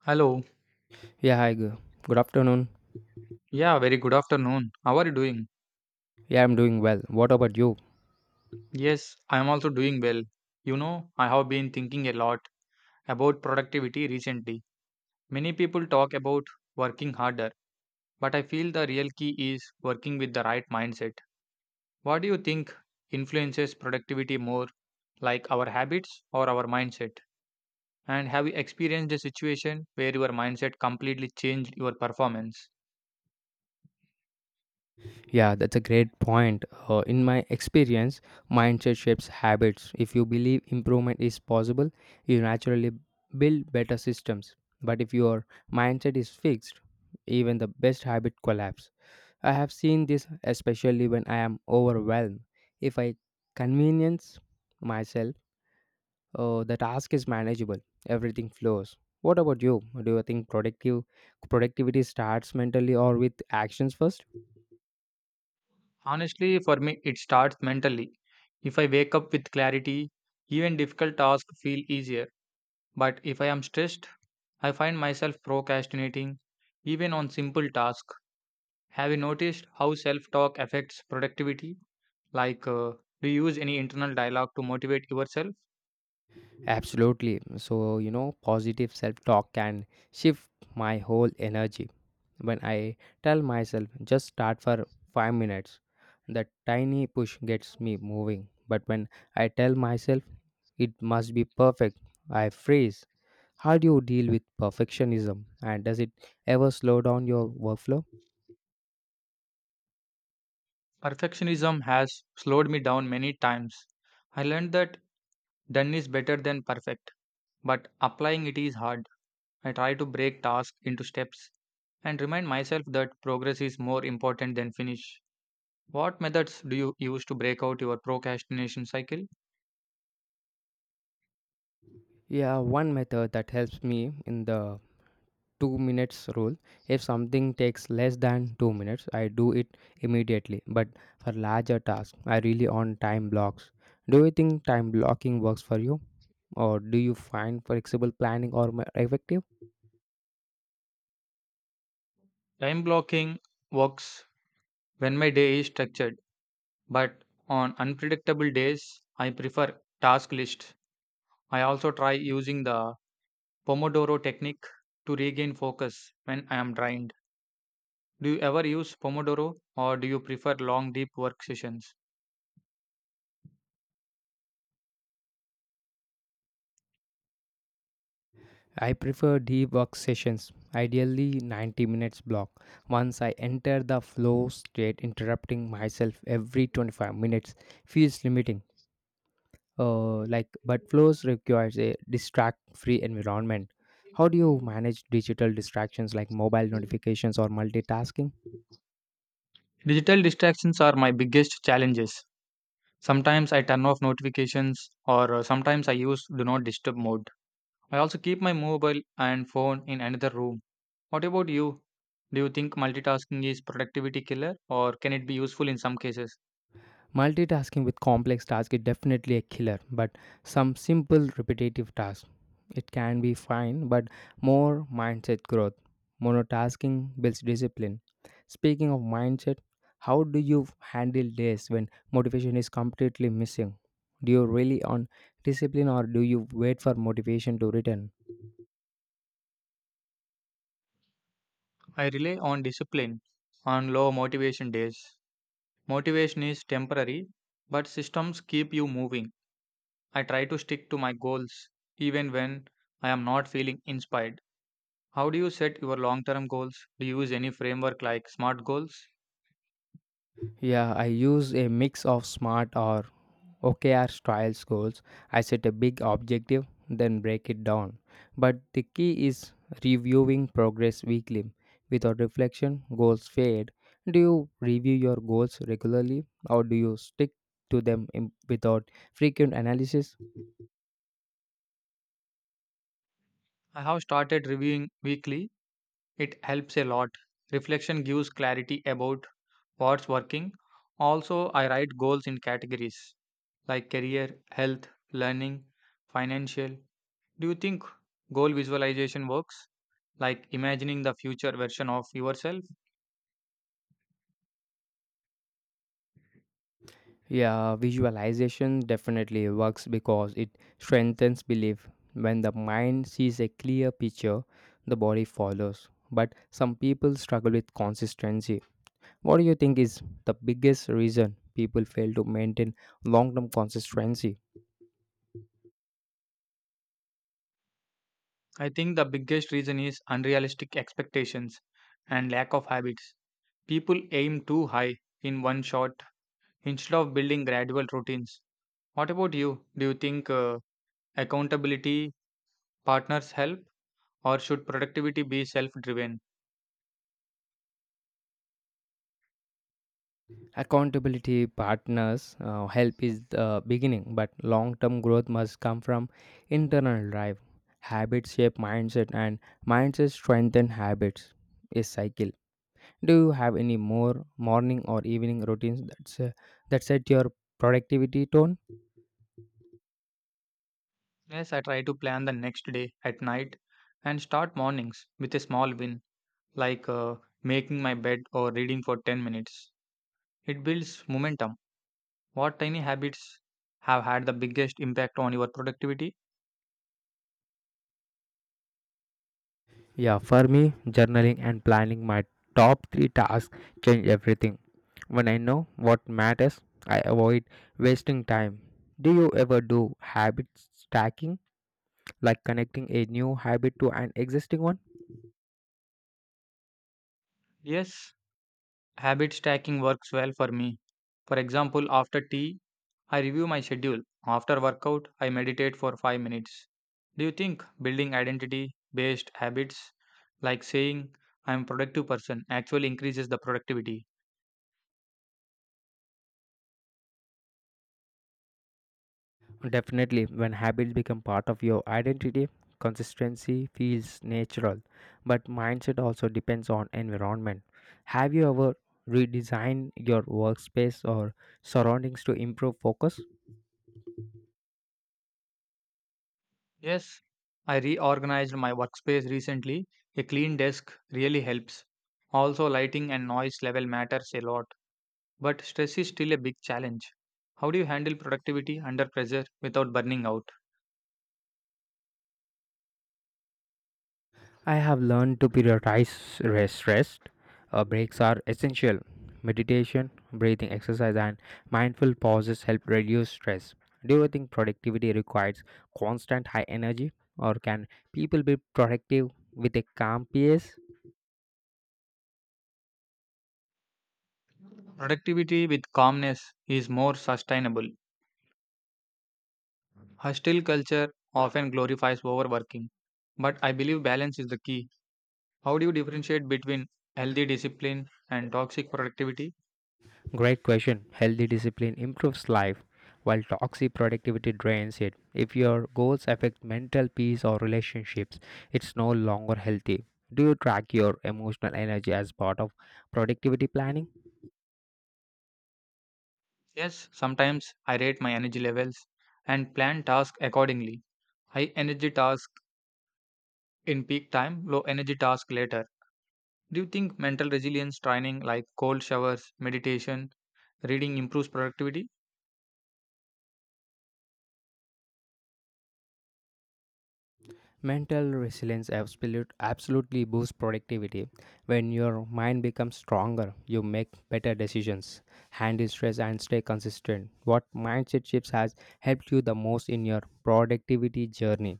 Hello. Yeah, hi. Good afternoon. Yeah, very good afternoon. How are you doing? Yeah, I'm doing well. What about you? Yes, I am also doing well. You know, I have been thinking a lot about productivity recently. Many people talk about working harder, but I feel the real key is working with the right mindset. What do you think influences productivity more, like our habits or our mindset? And have you experienced a situation where your mindset completely changed your performance? Yeah, that's a great point. In my experience, mindset shapes habits. If you believe improvement is possible, you naturally build better systems. But if your mindset is fixed, even the best habit collapse. I have seen this especially when I am overwhelmed. If I convenience myself, the task is manageable. Everything flows. What about you? Do you think productive productivity starts mentally or with actions first? Honestly, for me, it starts mentally. If I wake up with clarity, even difficult tasks feel easier. But if I am stressed, I find myself procrastinating, even on simple tasks. Have you noticed how self talk affects productivity? Like, uh, do you use any internal dialogue to motivate yourself? Absolutely. So, positive self talk can shift my whole energy. When I tell myself, just start for 5 minutes, that tiny push gets me moving. But when I tell myself, it must be perfect, I freeze. How do you deal with perfectionism and does it ever slow down your workflow? Perfectionism has slowed me down many times. I learned that done is better than perfect, but applying it is hard. I try to break tasks into steps and remind myself that progress is more important than finish. What methods do you use to break out your procrastination cycle? Yeah, one method that helps me in the 2 minutes rule. If something takes less than 2 minutes, I do it immediately. But for larger tasks, I really on time blocks. Do you think time blocking works for you? Or do you find flexible planning or more effective? Time blocking works when my day is structured, but on unpredictable days, I prefer task lists. I also try using the Pomodoro technique to regain focus when I am drained. Do you ever use Pomodoro or do you prefer long, deep work sessions? I prefer deep work sessions, ideally 90 minutes block. Once I enter the flow state, interrupting myself every 25 minutes feels limiting. But flows requires a distract-free environment. How do you manage digital distractions like mobile notifications or multitasking? Digital distractions are my biggest challenges. Sometimes I turn off notifications or sometimes I use do not disturb mode. I also keep my mobile and phone in another room. What about you? Do you think multitasking is productivity killer or can it be useful in some cases? Multitasking with complex tasks is definitely a killer, but some simple repetitive tasks it can be fine, but more mindset growth. Monotasking builds discipline. Speaking of mindset, how do you handle days when motivation is completely missing? Do you really on discipline or do you wait for motivation to return? I rely on discipline on low motivation days. Motivation is temporary, but systems keep you moving. I try to stick to my goals even when I am not feeling inspired. How do you set your long term goals? Do you use any framework like SMART goals? Yeah, I use a mix of smart or OKR styles goals. I set a big objective, then break it down. But the key is reviewing progress weekly. Without reflection, goals fade. Do you review your goals regularly or do you stick to them without frequent analysis? I have started reviewing weekly. It helps a lot. Reflection gives clarity about what's working. Also, I write goals in categories like career, health, learning, financial. Do you think goal visualization works? Like imagining the future version of yourself? Yeah, visualization definitely works because it strengthens belief. When the mind sees a clear picture, the body follows. But some people struggle with consistency. What do you think is the biggest reason people fail to maintain long term consistency? I think the biggest reason is unrealistic expectations and lack of habits. People aim too high in one shot instead of building gradual routines. What about you? Do you think accountability partners help or should productivity be self driven? Accountability partners help is the beginning, but long term growth must come from internal drive. Habits shape mindset, and mindset strengthen habits. A cycle. Do you have any more morning or evening routines that set your productivity tone? Yes, I try to plan the next day at night and start mornings with a small win, like making my bed or reading for 10 minutes. It builds momentum. What tiny habits have had the biggest impact on your productivity? Yeah, for me, journaling and planning my top 3 tasks change everything. When I know what matters, I avoid wasting time. Do you ever do habit stacking, like connecting a new habit to an existing one? Yes, habit stacking works well for me. For example, after tea I review my schedule. After workout, I meditate for 5 minutes. Do you think building identity based habits like saying I am a productive person actually increases the productivity? Definitely, when habits become part of your identity, consistency feels natural, but mindset also depends on environment. Have you ever redesigned your workspace or surroundings to improve focus? Yes. I reorganized my workspace recently. A clean desk really helps. Also lighting and noise level matters a lot, but stress is still a big challenge. How do you handle productivity under pressure without burning out? I have learned to prioritize rest. Breaks are essential. Meditation, breathing exercise, and mindful pauses help reduce stress. Do you think productivity requires constant high energy, or can people be productive with a calm pace? Productivity with calmness is more sustainable. Hostile culture often glorifies overworking, but I believe balance is the key. How do you differentiate between healthy discipline and toxic productivity? Great question. Healthy discipline improves life, while toxic productivity drains it. If your goals affect mental peace or relationships, it's no longer healthy. Do you track your emotional energy as part of productivity planning? Yes, sometimes I rate my energy levels and plan tasks accordingly. High energy task in peak time, low energy task later. Do you think mental resilience training like cold showers, meditation, reading improves productivity? Absolutely boosts productivity. When your mind becomes stronger, you make better decisions, handle stress, and stay consistent. What mindset shifts has helped you the most in your productivity journey?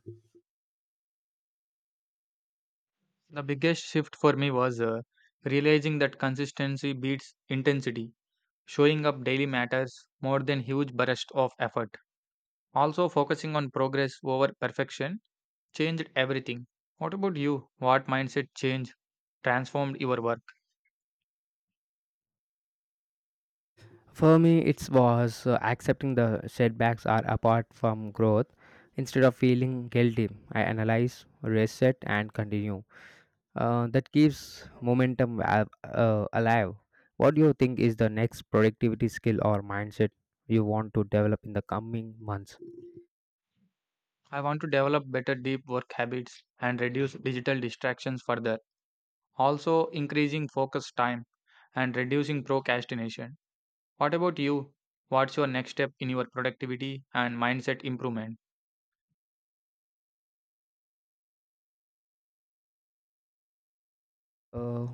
The biggest shift for me was realizing that consistency beats intensity. Showing up daily matters more than huge bursts of effort. Also, focusing on progress over perfection changed everything. What about you? What mindset change transformed your work? For me, it was accepting the setbacks are apart from growth. Instead of feeling guilty, I analyze, reset, and continue. That keeps alive. What do you think is the next productivity skill or mindset you want to develop in the coming months? I want to develop better deep work habits and reduce digital distractions further. Also, increasing focus time and reducing procrastination. What about you? What's your next step in your productivity and mindset improvement? Uh,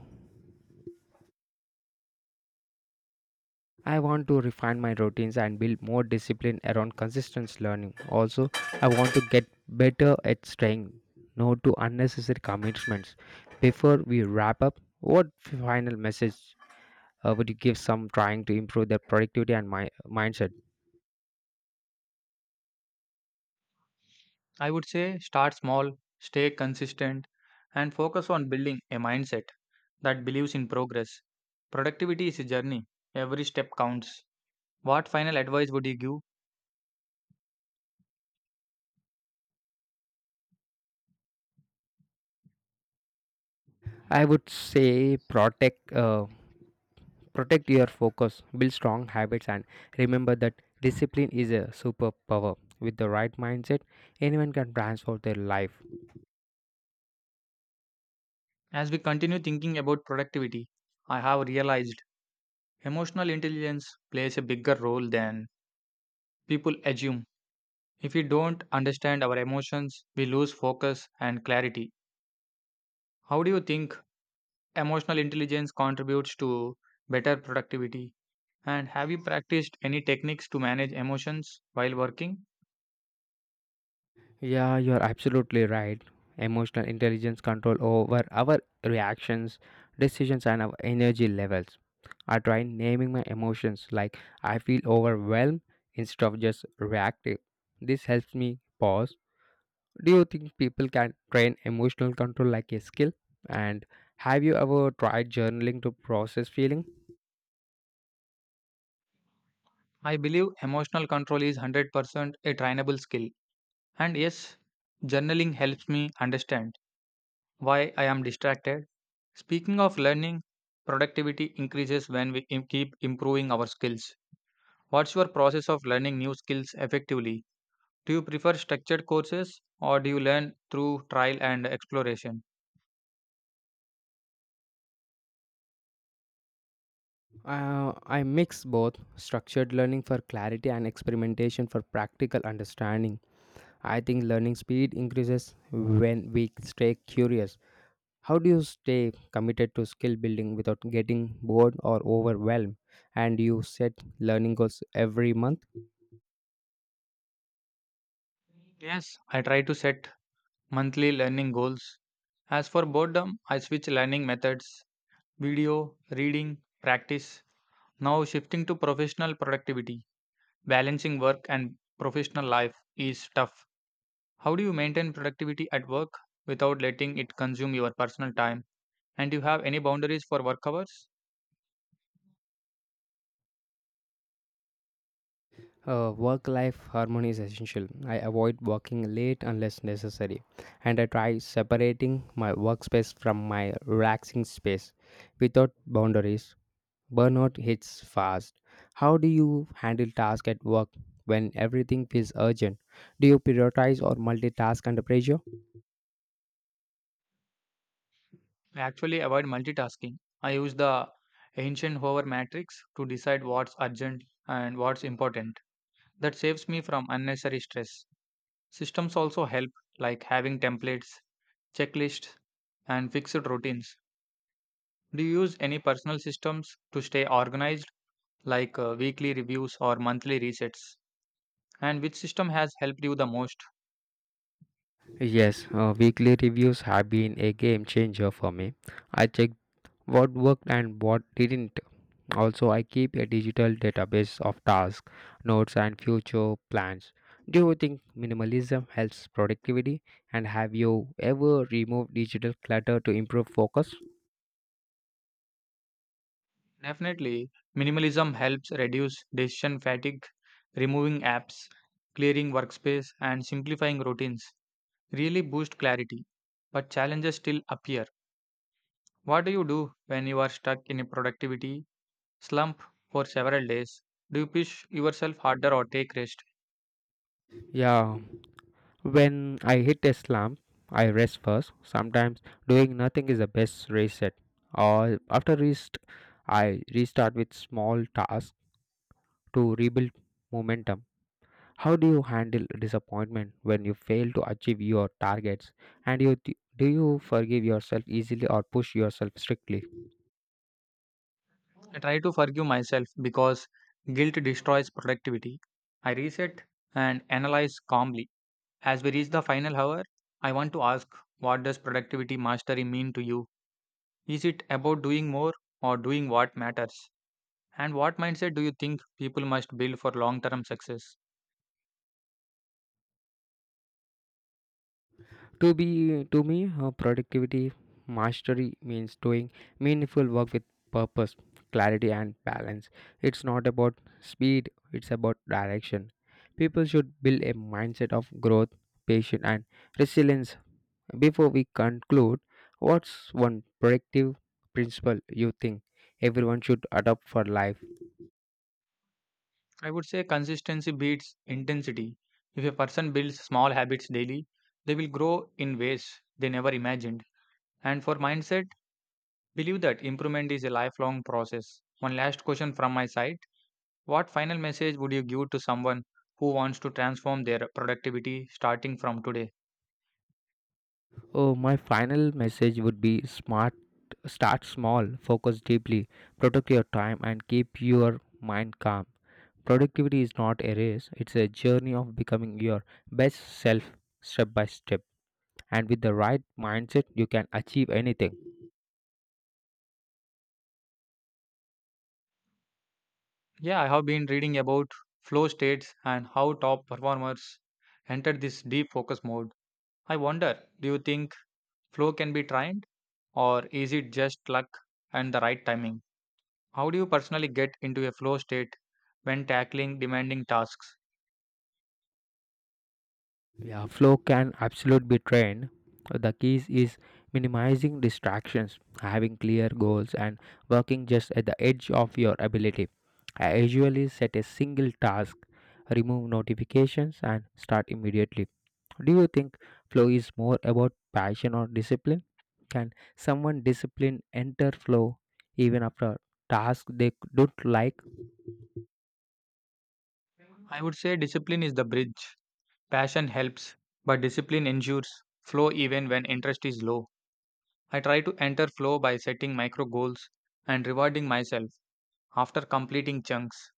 I want to refine my routines and build more discipline around consistent learning. Also, I want to get better at saying no to unnecessary commitments. Before we wrap up, what final message would you give some trying to improve their productivity and my mindset? I would say start small, stay consistent, and focus on building a mindset that believes in progress. Productivity is a journey, every step counts. What final advice would you give? I would say protect your focus, build strong habits, and remember that discipline is a superpower. With the right mindset, anyone can transform their life. As we continue thinking about productivity, I have realized emotional intelligence plays a bigger role than people assume. If we don't understand our emotions, we lose focus and clarity. How do you think emotional intelligence contributes to better productivity? And have you practiced any techniques to manage emotions while working? Yeah, you're absolutely right. Emotional intelligence control over our reactions, decisions, and our energy levels. I try naming my emotions like I feel overwhelmed instead of just reactive. This helps me pause. Do you think people can train emotional control like a skill? And have you ever tried journaling to process feeling? I believe emotional control is 100% a trainable skill. And yes, journaling helps me understand why I am distracted. Speaking of learning, productivity increases when we keep improving our skills. What's your process of learning new skills effectively? Do you prefer structured courses or do you learn through trial and exploration? I mix both structured learning for clarity and experimentation for practical understanding. I think learning speed increases when we stay curious. How do you stay committed to skill building without getting bored or overwhelmed? And you set learning goals every month? Yes, I try to set monthly learning goals. As for boredom, I switch learning methods, video, reading, practice. Now shifting to professional productivity, balancing work and professional life is tough. How do you maintain productivity at work without letting it consume your personal time? And do you have any boundaries for work hours? Work life harmony is essential. I avoid working late unless necessary, and I try separating my workspace from my relaxing space without boundaries. Burnout hits fast. How do you handle tasks at work when everything feels urgent? Do you prioritize or multitask under pressure? I actually avoid multitasking. I use the ancient hover matrix to decide what's urgent and what's important. That saves me from unnecessary stress. Systems also help, like having templates, checklists, and fixed routines. Do you use any personal systems to stay organized, like weekly reviews or monthly resets? And which system has helped you the most? Yes, weekly reviews have been a game changer for me. I check what worked and what didn't. Also, I keep a digital database of tasks, notes, and future plans. Do you think minimalism helps productivity? And have you ever removed digital clutter to improve focus? Definitely, minimalism helps reduce decision fatigue, removing apps, clearing workspace, and simplifying routines really boost clarity. But challenges still appear. What do you do when you are stuck in a productivity slump for several days? Do you push yourself harder or take rest? Yeah, when I hit a slump, I rest first. Sometimes doing nothing is the best reset. Or after rest, I restart with small tasks to rebuild momentum. How do you handle disappointment when you fail to achieve your targets? And you do you forgive yourself easily or push yourself strictly? I try to forgive myself because guilt destroys productivity. I reset and analyze calmly. As we reach the final hour, I want to ask, what does productivity mastery mean to you? Is it about doing more or doing what matters? And what mindset do you think people must build for long term success? To me, productivity mastery means doing meaningful work with purpose, clarity, and balance. It's not about speed; it's about direction. People should build a mindset of growth, patience, and resilience. Before we conclude, what's one productive principle you think everyone should adopt for life? I would say consistency beats intensity. If a person builds small habits daily, they will grow in ways they never imagined. And for mindset, believe that improvement is a lifelong process. One last question from my side. What final message would you give to someone who wants to transform their productivity starting from today? Oh, my final message would be smart start small, focus deeply, protect your time and keep your mind calm. Productivity is not a race, it's a journey of becoming your best self step by step. And with the right mindset, you can achieve anything. Yeah, I have been reading about flow states and how top performers enter this deep focus mode. I wonder, do you think flow can be trained? Or is it just luck and the right timing? How do you personally get into a flow state when tackling demanding tasks? Yeah, flow can absolutely be trained. The key is minimizing distractions, having clear goals, and working just at the edge of your ability. I usually set a single task, remove notifications, and start immediately. Do you think flow is more about passion or discipline? Can someone discipline enter flow even after tasks they don't like? I would say discipline is the bridge. Passion helps, but discipline ensures flow even when interest is low. I try to enter flow by setting micro goals and rewarding myself after completing chunks.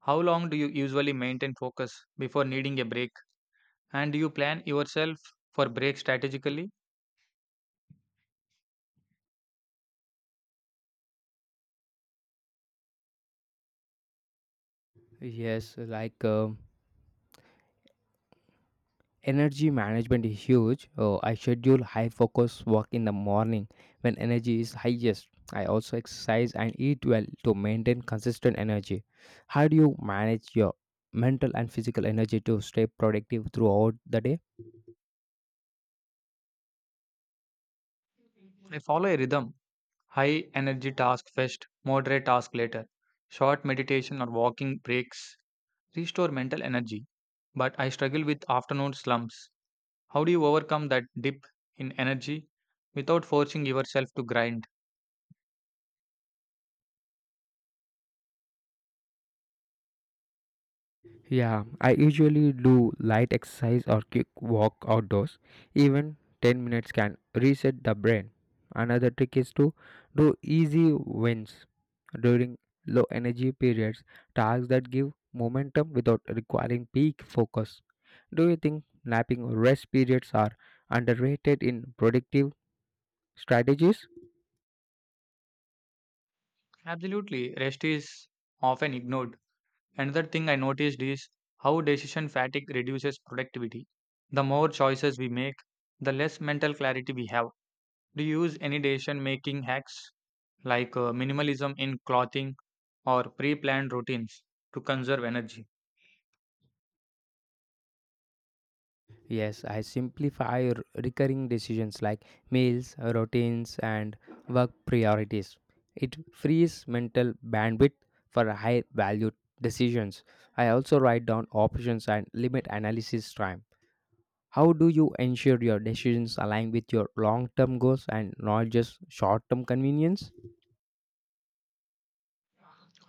How long do you usually maintain focus before needing a break? And do you plan yourself for breaks strategically? Yes. Energy management is huge. Oh, I schedule high focus work in the morning when energy is highest. I also exercise and eat well to maintain consistent energy. How do you manage your mental and physical energy to stay productive throughout the day? I follow a rhythm. High energy task first, moderate task later. Short meditation or walking breaks restore mental energy. But I struggle with afternoon slumps. How do you overcome that dip in energy without forcing yourself to grind? Yeah, I usually do light exercise or quick walk outdoors. Even 10 minutes can reset the brain. Another trick is to do easy wins during low energy periods, tasks that give momentum without requiring peak focus. Do you think napping or rest periods are underrated in productive strategies? Absolutely, rest is often ignored. Another thing I noticed is how decision fatigue reduces productivity. The more choices we make, the less mental clarity we have. Do you use any decision making hacks like minimalism in clothing or pre planned routines to conserve energy? Yes, I simplify recurring decisions like meals, routines, and work priorities. It frees mental bandwidth for high value decisions. I also write down options and limit analysis time. How do you ensure your decisions align with your long term goals and not just short term convenience?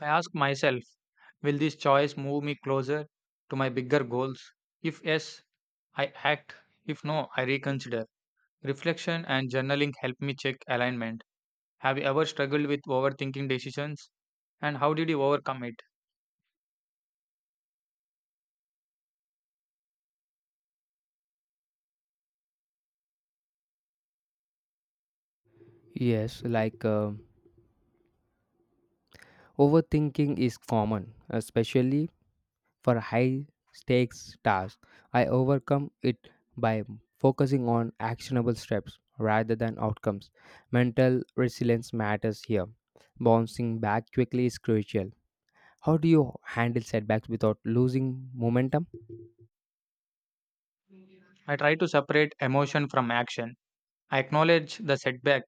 I ask myself, will this choice move me closer to my bigger goals? If yes, I act. If no, I reconsider. Reflection and journaling help me check alignment. Have you ever struggled with overthinking decisions? And how did you overcome it? Yes. Overthinking is common, especially for high stakes tasks. I overcome it by focusing on actionable steps rather than outcomes. Mental resilience matters here. Bouncing back quickly is crucial. How do you handle setbacks without losing momentum? I try to separate emotion from action. I acknowledge the setback,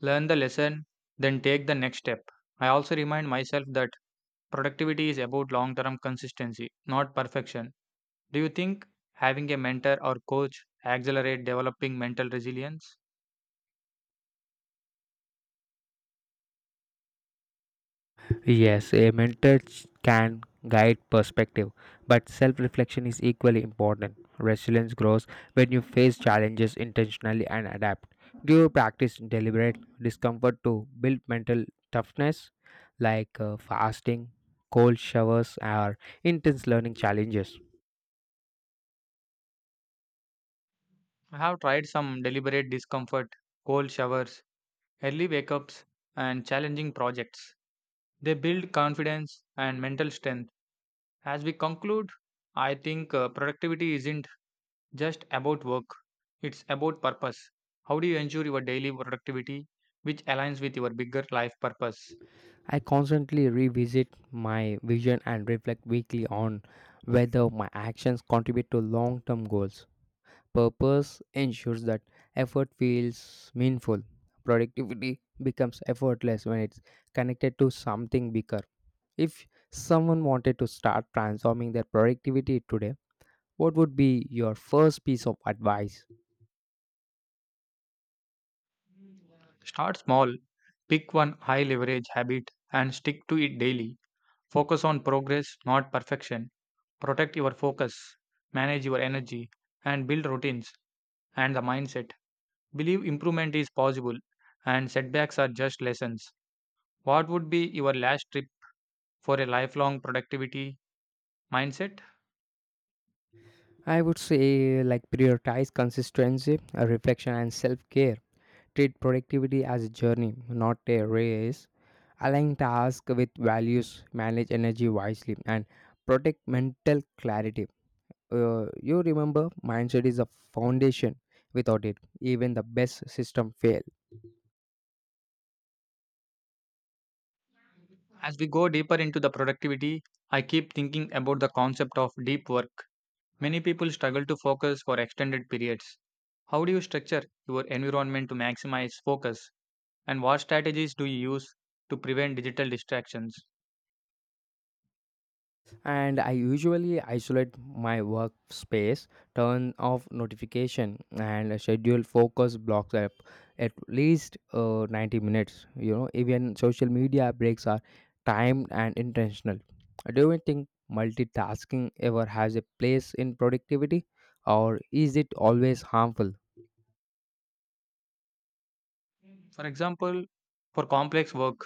learn the lesson, then take the next step. I also remind myself that productivity is about long term consistency, not perfection. Do you think having a mentor or coach accelerate developing mental resilience? Yes, a can guide perspective, but self reflection is equally important. Resilience grows when you face challenges intentionally and adapt. Do you practice deliberate discomfort to build mental toughness, like fasting, cold showers, or intense learning challenges? I have tried some deliberate discomfort, cold showers, early wake ups, and challenging projects. They build confidence and mental strength. As we conclude, I think productivity isn't just about work. It's about purpose. How do you ensure your daily productivity which aligns with your bigger life purpose? I constantly revisit my vision and reflect weekly on whether my actions contribute to long term goals. Purpose ensures that effort feels meaningful. Productivity becomes effortless when it's connected to something bigger. If someone wanted to start transforming their productivity today, what would be your first piece of advice? Start small, pick one high leverage habit and stick to it daily. Focus on progress, not perfection. Protect your focus, manage your energy, and build routines and the mindset. Believe improvement is possible and setbacks are just lessons. What would be your last tip for a lifelong productivity mindset? I would say, like, prioritize consistency, reflection, and self care. Treat productivity as a journey, not a race. Align tasks with values, manage energy wisely, and protect mental clarity. You remember, mindset is a foundation. Without it, even the best system fail. As we go deeper into the productivity, I keep thinking about the concept of deep work. Many people struggle to focus for extended periods. How do you structure your environment to maximize focus? And what strategies do you use to prevent digital distractions? And I usually isolate my workspace, turn off notification, and schedule focus blocks up at least 90 minutes. You know, even social media breaks are timed and intentional. Do you think multitasking ever has a place in productivity, or is it always harmful? For example, for complex work,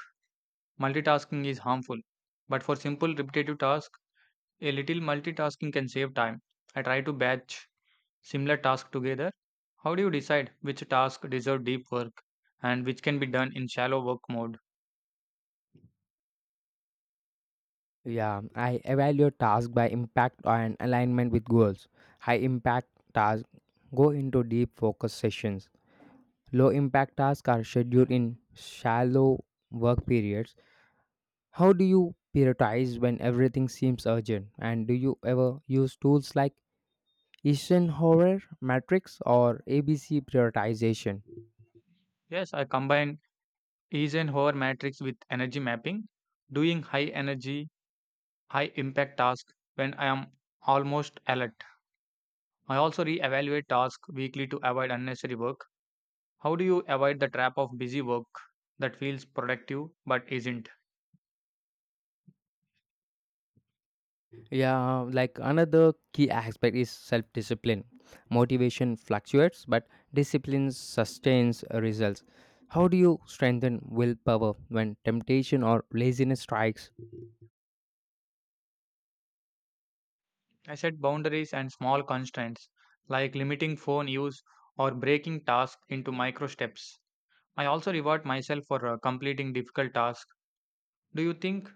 multitasking is harmful. But for simple repetitive tasks, a little multitasking can save time. I try to batch similar tasks together. How do you decide which tasks deserve deep work and which can be done in shallow work mode? Yeah, I evaluate tasks by impact and alignment with goals. High impact tasks go into deep focus sessions. Low impact tasks are scheduled in shallow work periods. How do you prioritize when everything seems urgent? And do you ever use tools like Eisenhower matrix or ABC prioritization? Yes, I combine Eisenhower matrix with energy mapping, doing high energy, high impact tasks when I am almost alert. I also reevaluate tasks weekly to avoid unnecessary work. How do you avoid the trap of busy work that feels productive but isn't? Yeah, like another key aspect is self discipline. Motivation fluctuates, but discipline sustains results. How do you strengthen willpower when temptation or laziness strikes? I set boundaries and small constraints like limiting phone use or breaking tasks into micro steps. I also reward myself for completing difficult tasks. Do you think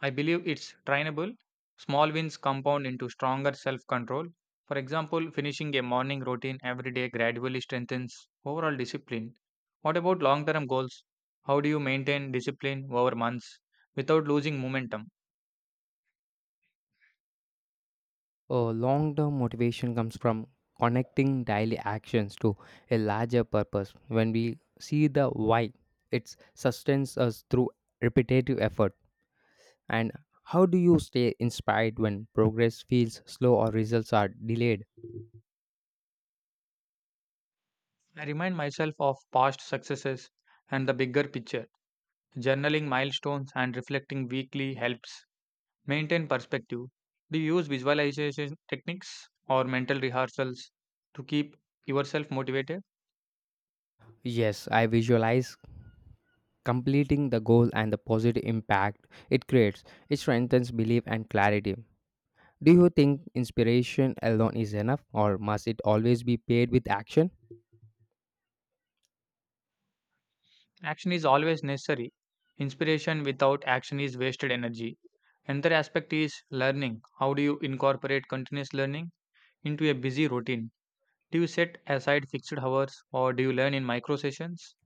I believe it's trainable? Small wins compound into stronger self control. For example, finishing a morning routine every day gradually strengthens overall discipline. What about long term goals? How do you maintain discipline over months without losing momentum? Oh, long term motivation comes from connecting daily actions to a larger purpose. When we see the why, it sustains us through repetitive effort. And how do you stay inspired when progress feels slow or results are delayed? I remind myself of past successes and the bigger picture. Journaling milestones and reflecting weekly helps. Maintain perspective. Do you use visualization techniques or mental rehearsals to keep yourself motivated? Yes, I visualize completing the goal and the positive impact it creates. It strengthens belief and clarity. Do you think inspiration alone is enough, or must it always be paired with action? Action is always necessary. Inspiration without action is wasted energy. Another aspect is learning. How do you incorporate continuous learning into a busy routine? Do you set aside fixed hours or do you learn in micro sessions?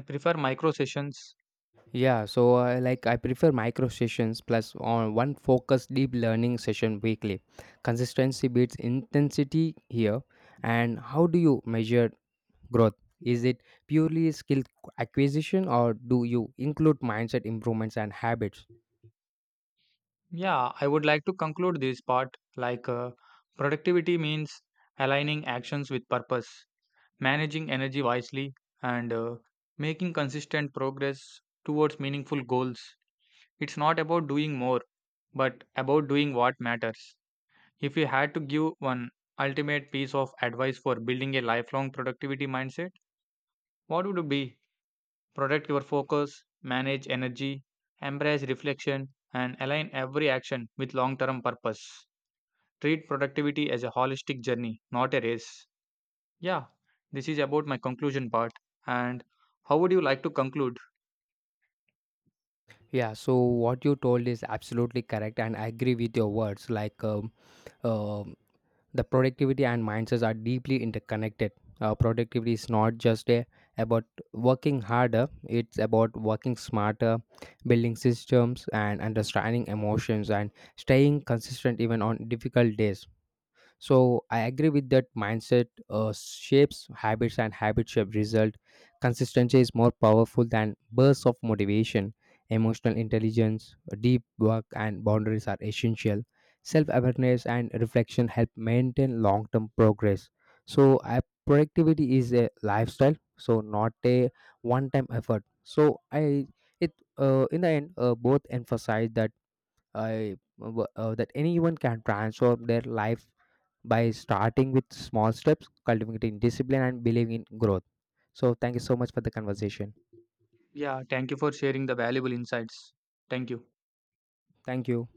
I prefer micro sessions. Yeah, so I prefer micro sessions plus on one focused deep learning session weekly. Consistency beats intensity here. And how do you measure growth? Is it purely skill acquisition or do you include mindset improvements and habits? Yeah, I would like to conclude this part, like uh, productivity means aligning actions with purpose, managing energy wisely, and making consistent progress towards meaningful goals. It's not about doing more, but about doing what matters. If you had to give one ultimate piece of advice for building a lifelong productivity mindset, what would it be? Protect your focus, manage energy, embrace reflection, and align every action with long term purpose. Treat productivity as a holistic journey, not a race. Yeah, this is about my conclusion part. And how would you like to conclude? Yeah, so what you told is absolutely correct and I agree with your words like uh, the productivity and mindsets are deeply interconnected. Productivity is not just about working harder, it's about working smarter, building systems, and understanding emotions and staying consistent even on difficult days. So I agree with that mindset shapes habits and habit shape result. Consistency is more powerful than bursts of motivation. Emotional intelligence, deep work, and boundaries are essential. Self awareness and reflection help maintain long term progress. So productivity is a lifestyle, so not a one time effort. So, I it in the end both emphasize that anyone can transform their life by starting with small steps, cultivating discipline, and believing in growth. So, thank you so much for the conversation. Yeah, thank you for sharing the valuable insights. Thank you. Thank you.